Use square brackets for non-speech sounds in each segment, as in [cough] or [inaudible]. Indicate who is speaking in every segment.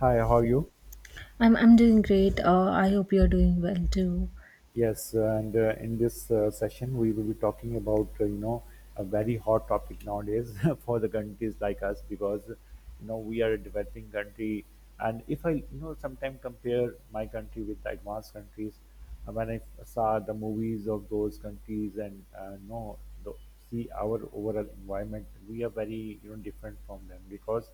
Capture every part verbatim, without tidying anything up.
Speaker 1: Hi, how are you?
Speaker 2: I'm I'm doing great. Uh, I hope you're doing well too.
Speaker 1: Yes, uh, and uh, in this uh, session, we will be talking about uh, you know a very hot topic nowadays [laughs] for the countries like us, because you know we are a developing country, and if I you know sometimes compare my country with the advanced countries. Uh, when I saw the movies of those countries, and uh, you know the, So, see our overall environment, we are very you know different from them, because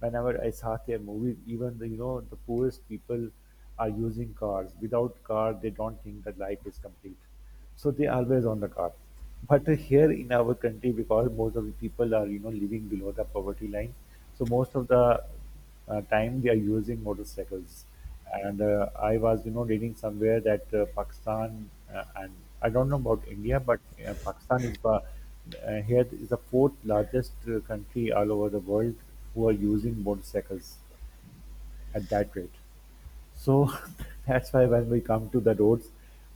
Speaker 1: whenever I saw their movies, even the you know the poorest people are using cars. Without car, they don't think that life is complete, so they always on the car. But here in our country, because most of the people are you know living below the poverty line, so most of the uh, time they are using motorcycles. And uh, I was, you know, reading somewhere that uh, Pakistan, uh, and I don't know about India, but uh, Pakistan is uh, uh, here is the fourth largest uh, country all over the world who are using motorcycles at that rate. So [laughs] that's why when we come to the roads,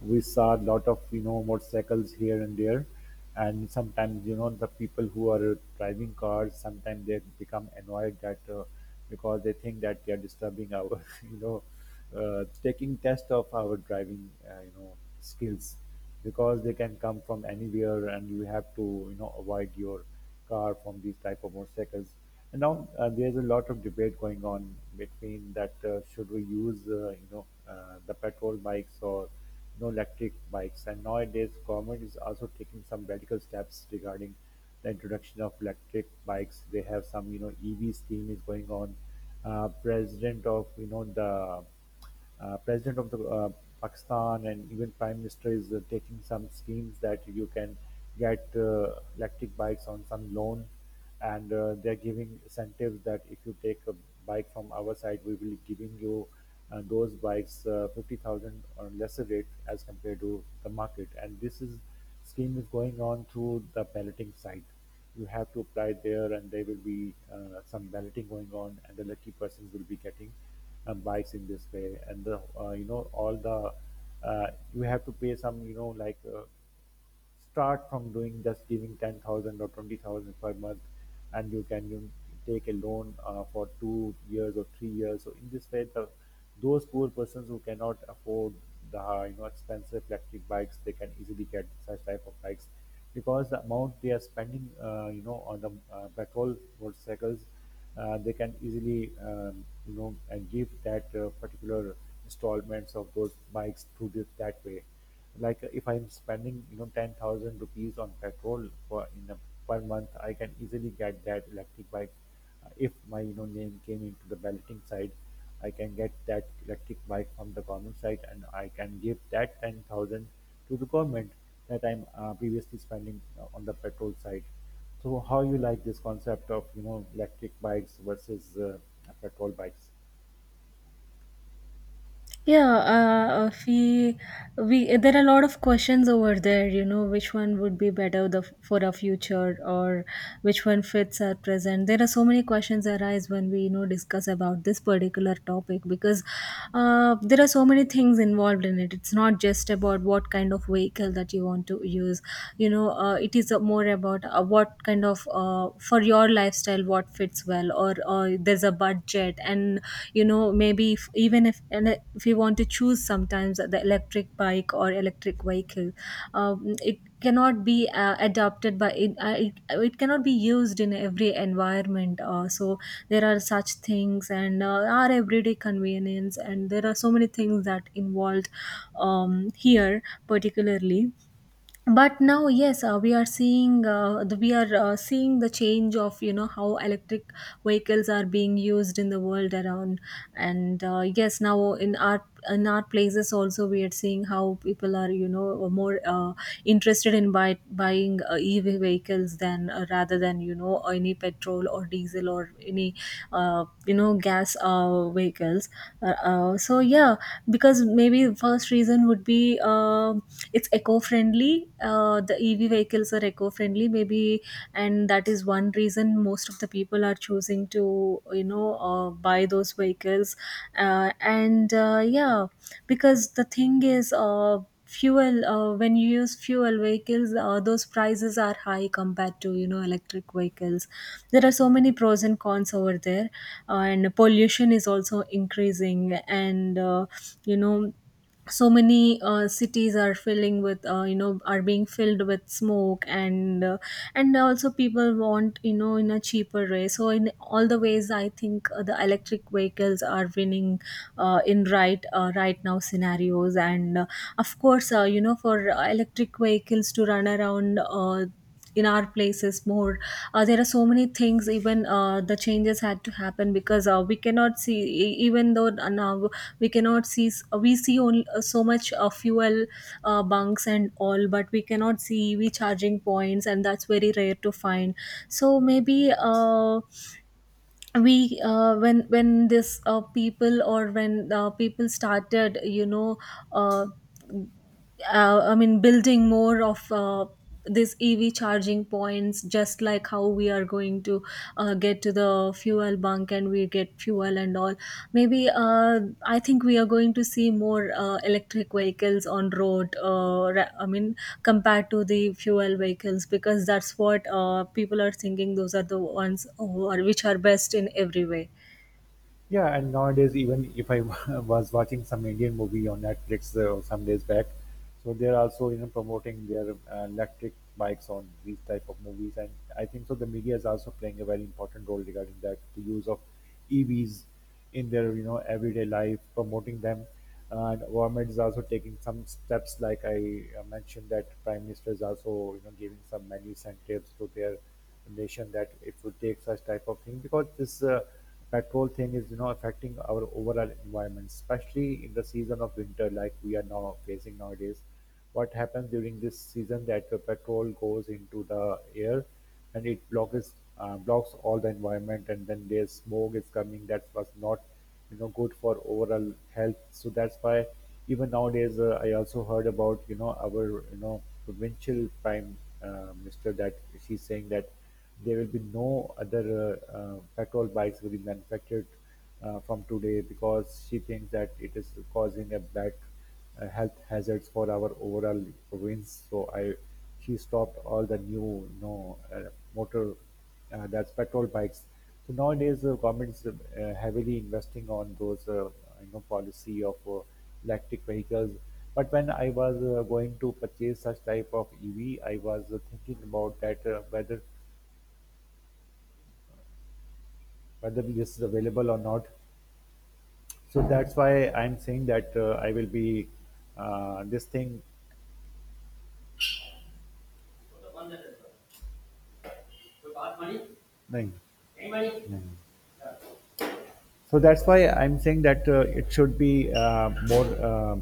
Speaker 1: we saw a lot of you know motorcycles here and there, and sometimes you know the people who are driving cars, sometimes they become annoyed that uh, because they think that they are disturbing our [laughs] you know uh, taking test of our driving uh, you know skills, because they can come from anywhere and you have to you know avoid your car from these type of motorcycles. And now uh, there's a lot of debate going on between that uh, should we use uh, you know uh, the petrol bikes or you know electric bikes. And nowadays, government is also taking some radical steps regarding the introduction of electric bikes. They have some you know E V scheme is going on. Uh, president of you know the uh, president of the uh, Pakistan, and even prime minister is uh, taking some schemes that you can get uh, electric bikes on some loan, and uh, they're giving incentives that if you take a bike from our side, we will be giving you uh, those bikes uh, fifty thousand or lesser rate as compared to the market, and this is scheme is going on through the balloting site. You have to apply there, and there will be uh, some balloting going on, and the lucky persons will be getting uh, bikes in this way. And the uh, you know all the uh, you have to pay some, you know like, uh, start from doing just giving ten thousand or twenty thousand per month, and you can you take a loan uh, for two years or three years. So in this way, the those poor persons who cannot afford the uh, you know expensive electric bikes, they can easily get such type of bikes, because the amount they are spending uh, you know on the uh, petrol motorcycles, uh, they can easily um, you know and give that uh, particular installments of those bikes through this that way. Like, uh, if I'm spending you know ten thousand rupees on petrol for in a per month, I can easily get that electric bike. Uh, if my you know name came into the balloting side, I can get that electric bike from the government side, and I can give that ten thousand to the government that I'm uh, previously spending uh, on the petrol side. So how you like this concept of you know electric bikes versus uh, petrol bikes?
Speaker 2: Yeah, uh, uh, we we there are a lot of questions over there. You know, which one would be better the, for our future, or which one fits our present? There are so many questions arise when we you know discuss about this particular topic because uh, there are so many things involved in it. It's not just about what kind of vehicle that you want to use. You know uh, it is uh, more about uh, what kind of uh, for your lifestyle what fits well, or uh, there's a budget. And you know maybe if, even if and if you want to choose sometimes the electric bike or electric vehicle, um, it cannot be uh, adopted by it. Uh, it it cannot be used in every environment, uh, so there are such things. And uh, our everyday convenience, and there are so many things that involved um, here particularly. But now, yes, uh, we are seeing uh, the, we are uh, seeing the change of you know how electric vehicles are being used in the world around. And uh, yes, now in our in our places also, we are seeing how people are you know more uh, interested in buy, buying uh, EV vehicles than uh, rather than you know any petrol or diesel or any uh, you know gas uh, vehicles. Uh, uh, so yeah, because maybe first reason would be um it's eco-friendly. Uh, the EV vehicles are eco-friendly maybe, and that is one reason most of the people are choosing to you know uh, buy those vehicles. Uh, and uh, Yeah, because the thing is, uh, fuel, uh, when you use fuel vehicles, uh, those prices are high compared to you know electric vehicles. There are so many pros and cons over there. Uh, and pollution is also increasing, and uh, you know so many uh, cities are filling with uh, you know, are being filled with smoke. And uh, and also people want, you know, in a cheaper way. So in all the ways, I think uh, the electric vehicles are winning uh, in right uh, right now scenarios. And uh, Of course, uh, you know, for uh, electric vehicles to run around uh, in our places more, uh, there are so many things. Even uh, the changes had to happen because uh, we cannot see e- even though uh, now we cannot see s- we see only uh, so much uh, fuel uh, bunks and all, but we cannot see EV charging points, and that's very rare to find. So maybe uh, we uh, when when this uh, people or when uh, people started, you know, uh, uh, I mean, building more of uh, this E V charging points, just like how we are going to uh, get to the fuel bunk and we get fuel and all. Maybe uh, I think we are going to see more uh, electric vehicles on road. Uh, ra- I mean, compared to the fuel vehicles, because that's what uh, people are thinking. Those are the ones who are, which are best in every way.
Speaker 1: Yeah, and nowadays, even if I [laughs] was watching some Indian movie on Netflix uh, some days back, so they're also you know promoting their uh, electric bikes on these type of movies. And I think so. The media is also playing a very important role regarding that the use of E Vs in their you know everyday life, promoting them. And government is also taking some steps, like I uh, mentioned, that prime minister is also you know giving some many incentives to their nation that it would take such type of thing because this. Uh, petrol thing is you know affecting our overall environment, especially in the season of winter like we are now facing nowadays. What happens during this season, that the petrol goes into the air and it blocks uh, blocks all the environment, and then there's smoke is coming that was not you know good for overall health. So that's why even nowadays, uh, I also heard about you know our you know provincial prime uh, minister that she's saying that there will be no other uh, uh, petrol bikes will be manufactured uh, from today, because she thinks that it is causing a bad, uh, health hazards for our overall province. So I, she stopped all the new, you know, uh, motor, uh, that's petrol bikes. So nowadays, the government is uh, heavily investing on those, uh, you know, policy of uh, electric vehicles. But when I was uh, going to purchase such type of E V, I was uh, thinking about that uh, whether whether this is available or not. So that's why I'm saying that uh, I will be uh, this thing. Nahin. Nahin. So that's why I'm saying that uh, it should be uh, more uh,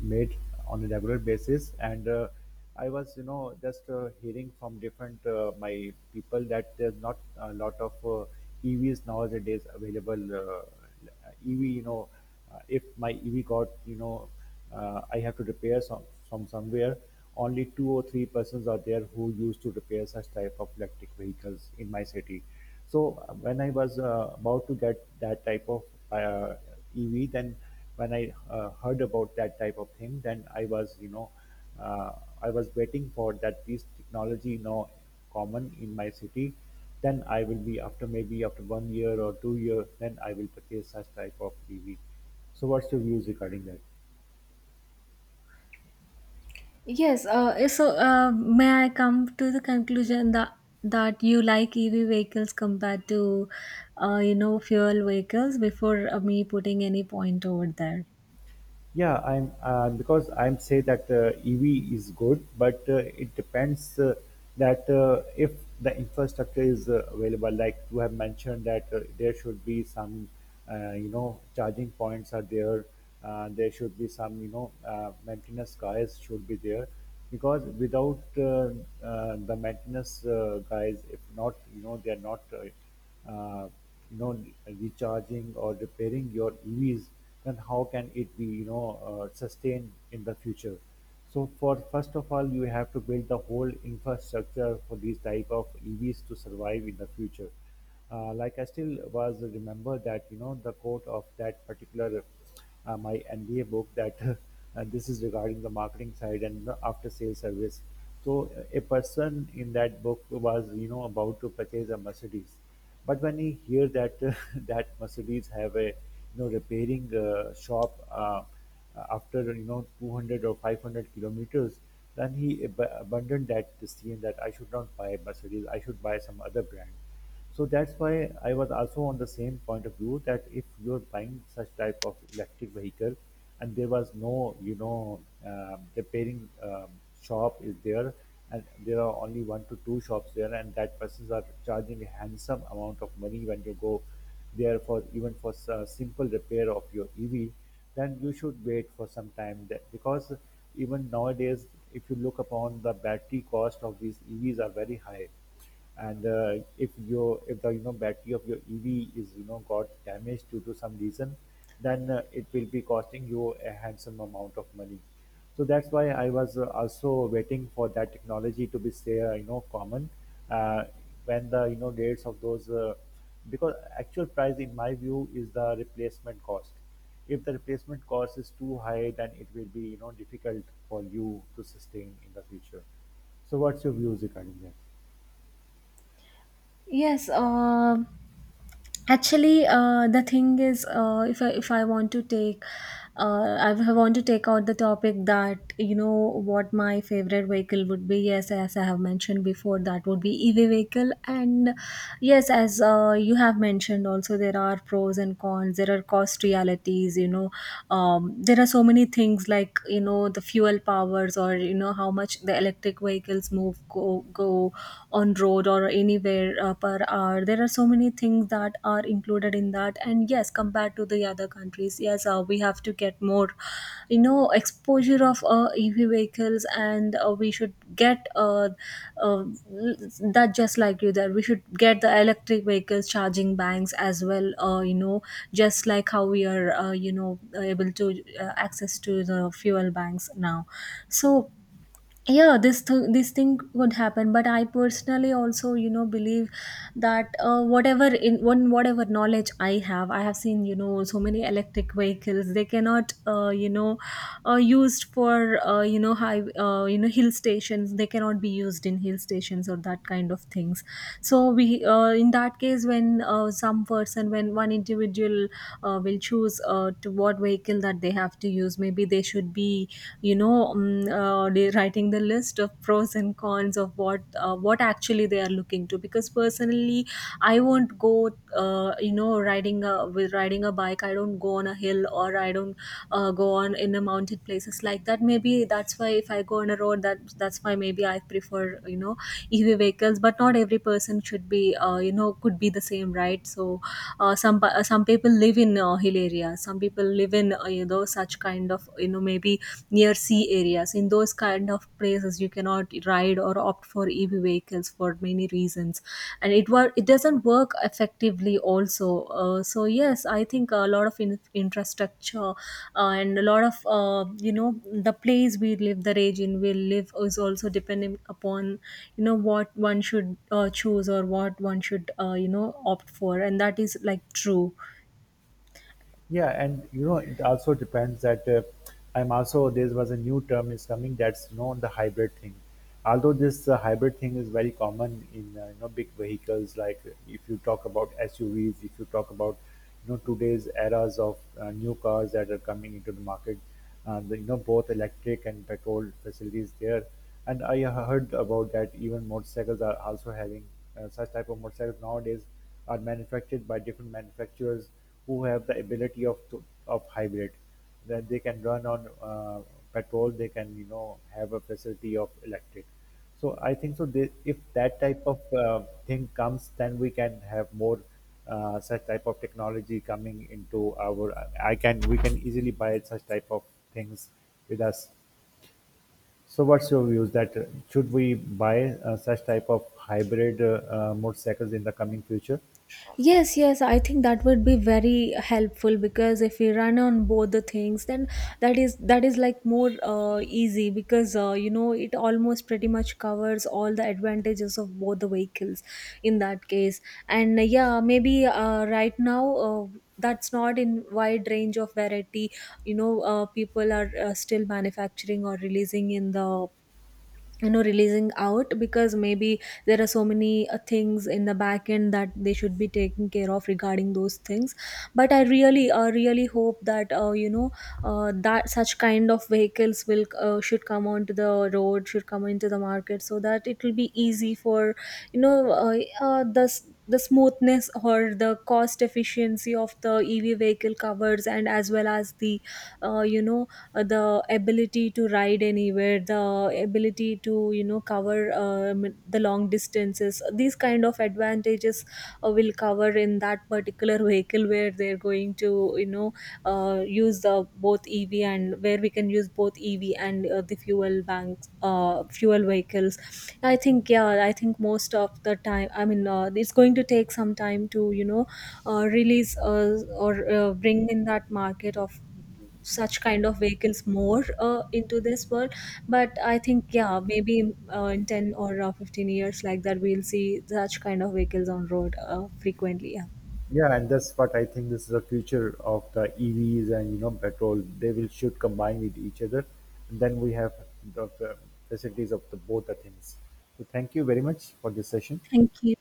Speaker 1: made on a regular basis. And uh, I was, you know, just uh, hearing from different, uh, my people that there's not a lot of uh, E Vs nowadays available. Uh, E V, you know, uh, if my E V got, you know, uh, I have to repair some, from somewhere. Only two or three persons are there who used to repair such type of electric vehicles in my city. So uh, when I was uh, about to get that type of uh, E V, then when I uh, heard about that type of thing, then I was you know uh, I was waiting for that this technology now common in my city. Then I will be after maybe after one year or two years, then I will purchase such type of E V. So what's your views regarding that?
Speaker 2: Yes, uh, eh, so uh, may I come to the conclusion that that you like E V vehicles compared to uh, you know, fuel vehicles before uh, me putting any point over there?
Speaker 1: Yeah, I'm uh, because I'm say that uh, E V is good, but uh, it depends, uh, that uh, if the infrastructure is uh, available, like you have mentioned, that uh, there should be some, uh, you know, charging points are there. Uh, there should be some, you know, uh, maintenance guys should be there, because without uh, uh, the maintenance uh, guys, if not, you know, they are not uh, uh, you know recharging or repairing your E Vs, then how can it be you know uh, sustained in the future? So for first of all, you have to build the whole infrastructure for these type of E Vs to survive in the future. Uh, like, I still was remember that you know the quote of that particular, uh, my M B A book, that [laughs] uh, this is regarding the marketing side and the after sales service. So uh, a person in that book was you know about to purchase a Mercedes. But when I hear that [laughs] that Mercedes have a you know repairing uh, shop uh, after you know two hundred or five hundred kilometers, then he ab- abandoned that decision that I should not buy Mercedes. I should buy some other brand. So that's why I was also on the same point of view that if you're buying such type of electric vehicle, and there was no you know um, repairing um, shop is there, and there are only one to two shops there, and that persons are charging a handsome amount of money when you go there for even for a simple repair of your E V, then you should wait for some time that, because even nowadays, if you look upon the battery cost of these E Vs are very high. And uh, if your if the you know battery of your E V is you know got damaged due to some reason, then uh, it will be costing you a handsome amount of money. So that's why I was uh, also waiting for that technology to be say, uh, you know common, uh, when the you know rates of those, uh, because actual price in my view is the replacement cost. If the replacement cost is too high, then it will be you know difficult for you to sustain in the future. So what's your views regarding that?
Speaker 2: Yes, um Actually, uh, the thing is, uh, if I if I want to take, uh, I w- want to take out the topic that you know what my favorite vehicle would be. Yes, as I have mentioned before, that would be E V vehicle. And yes, as uh, you have mentioned, also there are pros and cons. There are cost realities. You know, um, there are so many things, like you know the fuel powers, or you know how much the electric vehicles move go go on road or anywhere uh, per hour. There are so many things that are included in that. And yes, compared to the other countries, yes, uh, we have to get more you know exposure of uh, EV vehicles. And uh, we should get uh, uh, that just like you, that we should get the electric vehicles charging banks as well, uh, you know, just like how we are uh, you know able to uh, access to the fuel banks now. So yeah, this th- this thing could happen, but I personally also you know believe that uh, whatever in one whatever knowledge I have, I have seen you know so many electric vehicles. They cannot uh, you know uh, used for uh, you know high uh, you know hill stations. They cannot be used in hill stations lines or that kind of things. So we uh, in that case, when uh, some person when one individual uh, will choose uh, to what vehicle that they have to use, maybe they should be you know um, uh, they writing the list of pros and cons of what uh, what actually they are looking to. Because personally I won't go uh, you know riding a with riding a bike. I don't go on a hill, or I don't uh, go on in a mountain places like that. Maybe that's why if I go on a road, that that's why maybe I prefer you know EV vehicles. But not every person should be uh, you know could be the same, right? So uh, some pa- uh, some people live in uh, hill areas, some people live in uh, you know such kind of you know maybe near sea areas. In those kind of places, you cannot ride or opt for E V vehicles for many reasons, and it wor- it doesn't work effectively also. Uh, so yes, I think a lot of in- infrastructure, uh, and a lot of uh, you know the place we live, the region we live is also depending upon you know what one should uh, choose or what one should uh, you know opt for. And that is like true.
Speaker 1: Yeah, and you know, it also depends that uh, I'm also there was a new term is coming, that's you know the hybrid thing. Although this uh, hybrid thing is very common in uh, you know big vehicles, like if you talk about S U Vs, if you talk about you know today's eras of uh, new cars that are coming into the market, uh, the, you know both electric and petrol facilities there. And I heard about that even motorcycles are also having, uh, such type of motorcycles nowadays are manufactured by different manufacturers who have the ability of to, of hybrid. Then they can run on uh, petrol, they can you know have a facility of electric. So I think so, they, if that type of uh, thing comes, then we can have more uh, such type of technology coming into our I can we can easily buy such type of things with us. So what's your views that uh, should we buy uh, such type of hybrid uh, uh, motorcycles in the coming future?
Speaker 2: Yes, yes, I think that would be very helpful, because if we run on both the things, then that is that is like more uh, easy, because uh, you know it almost pretty much covers all the advantages of both the vehicles in that case. And uh, yeah, maybe uh, right now, Uh, that's not in wide range of variety. You know, uh, people are uh, still manufacturing or releasing in the, you know, releasing out, because maybe there are so many uh, things in the back end that they should be taking care of regarding those things. But I really uh, really hope that uh, you know uh, that such kind of vehicles will uh, should come onto the road, should come into the market, so that it will be easy for you know uh, uh, the s- the smoothness or the cost efficiency of the EV vehicle covers, and as well as the uh, you know uh, the ability to ride anywhere, the ability to you know cover um, the long distances. These kind of advantages uh, will cover in that particular [laughs] vehicle where they're going to you know uh, use the both EV, and where we can use both EV and uh, the fuel banks uh, fuel vehicles. I think, yeah, I think most of the time, I mean, uh, it's going to take some time to you know uh, release uh, or uh, bring in that market of such kind of vehicles more uh, into this world. But I think yeah, maybe uh, in ten or uh, fifteen years, like that we'll see such kind of vehicles on road uh, frequently. Yeah,
Speaker 1: Yeah, and that's what I think, this is the future of the E Vs and you know petrol. They will should combine with each other, and then we have the, the facilities of the both the things. So thank you very much for this session.
Speaker 2: thank you.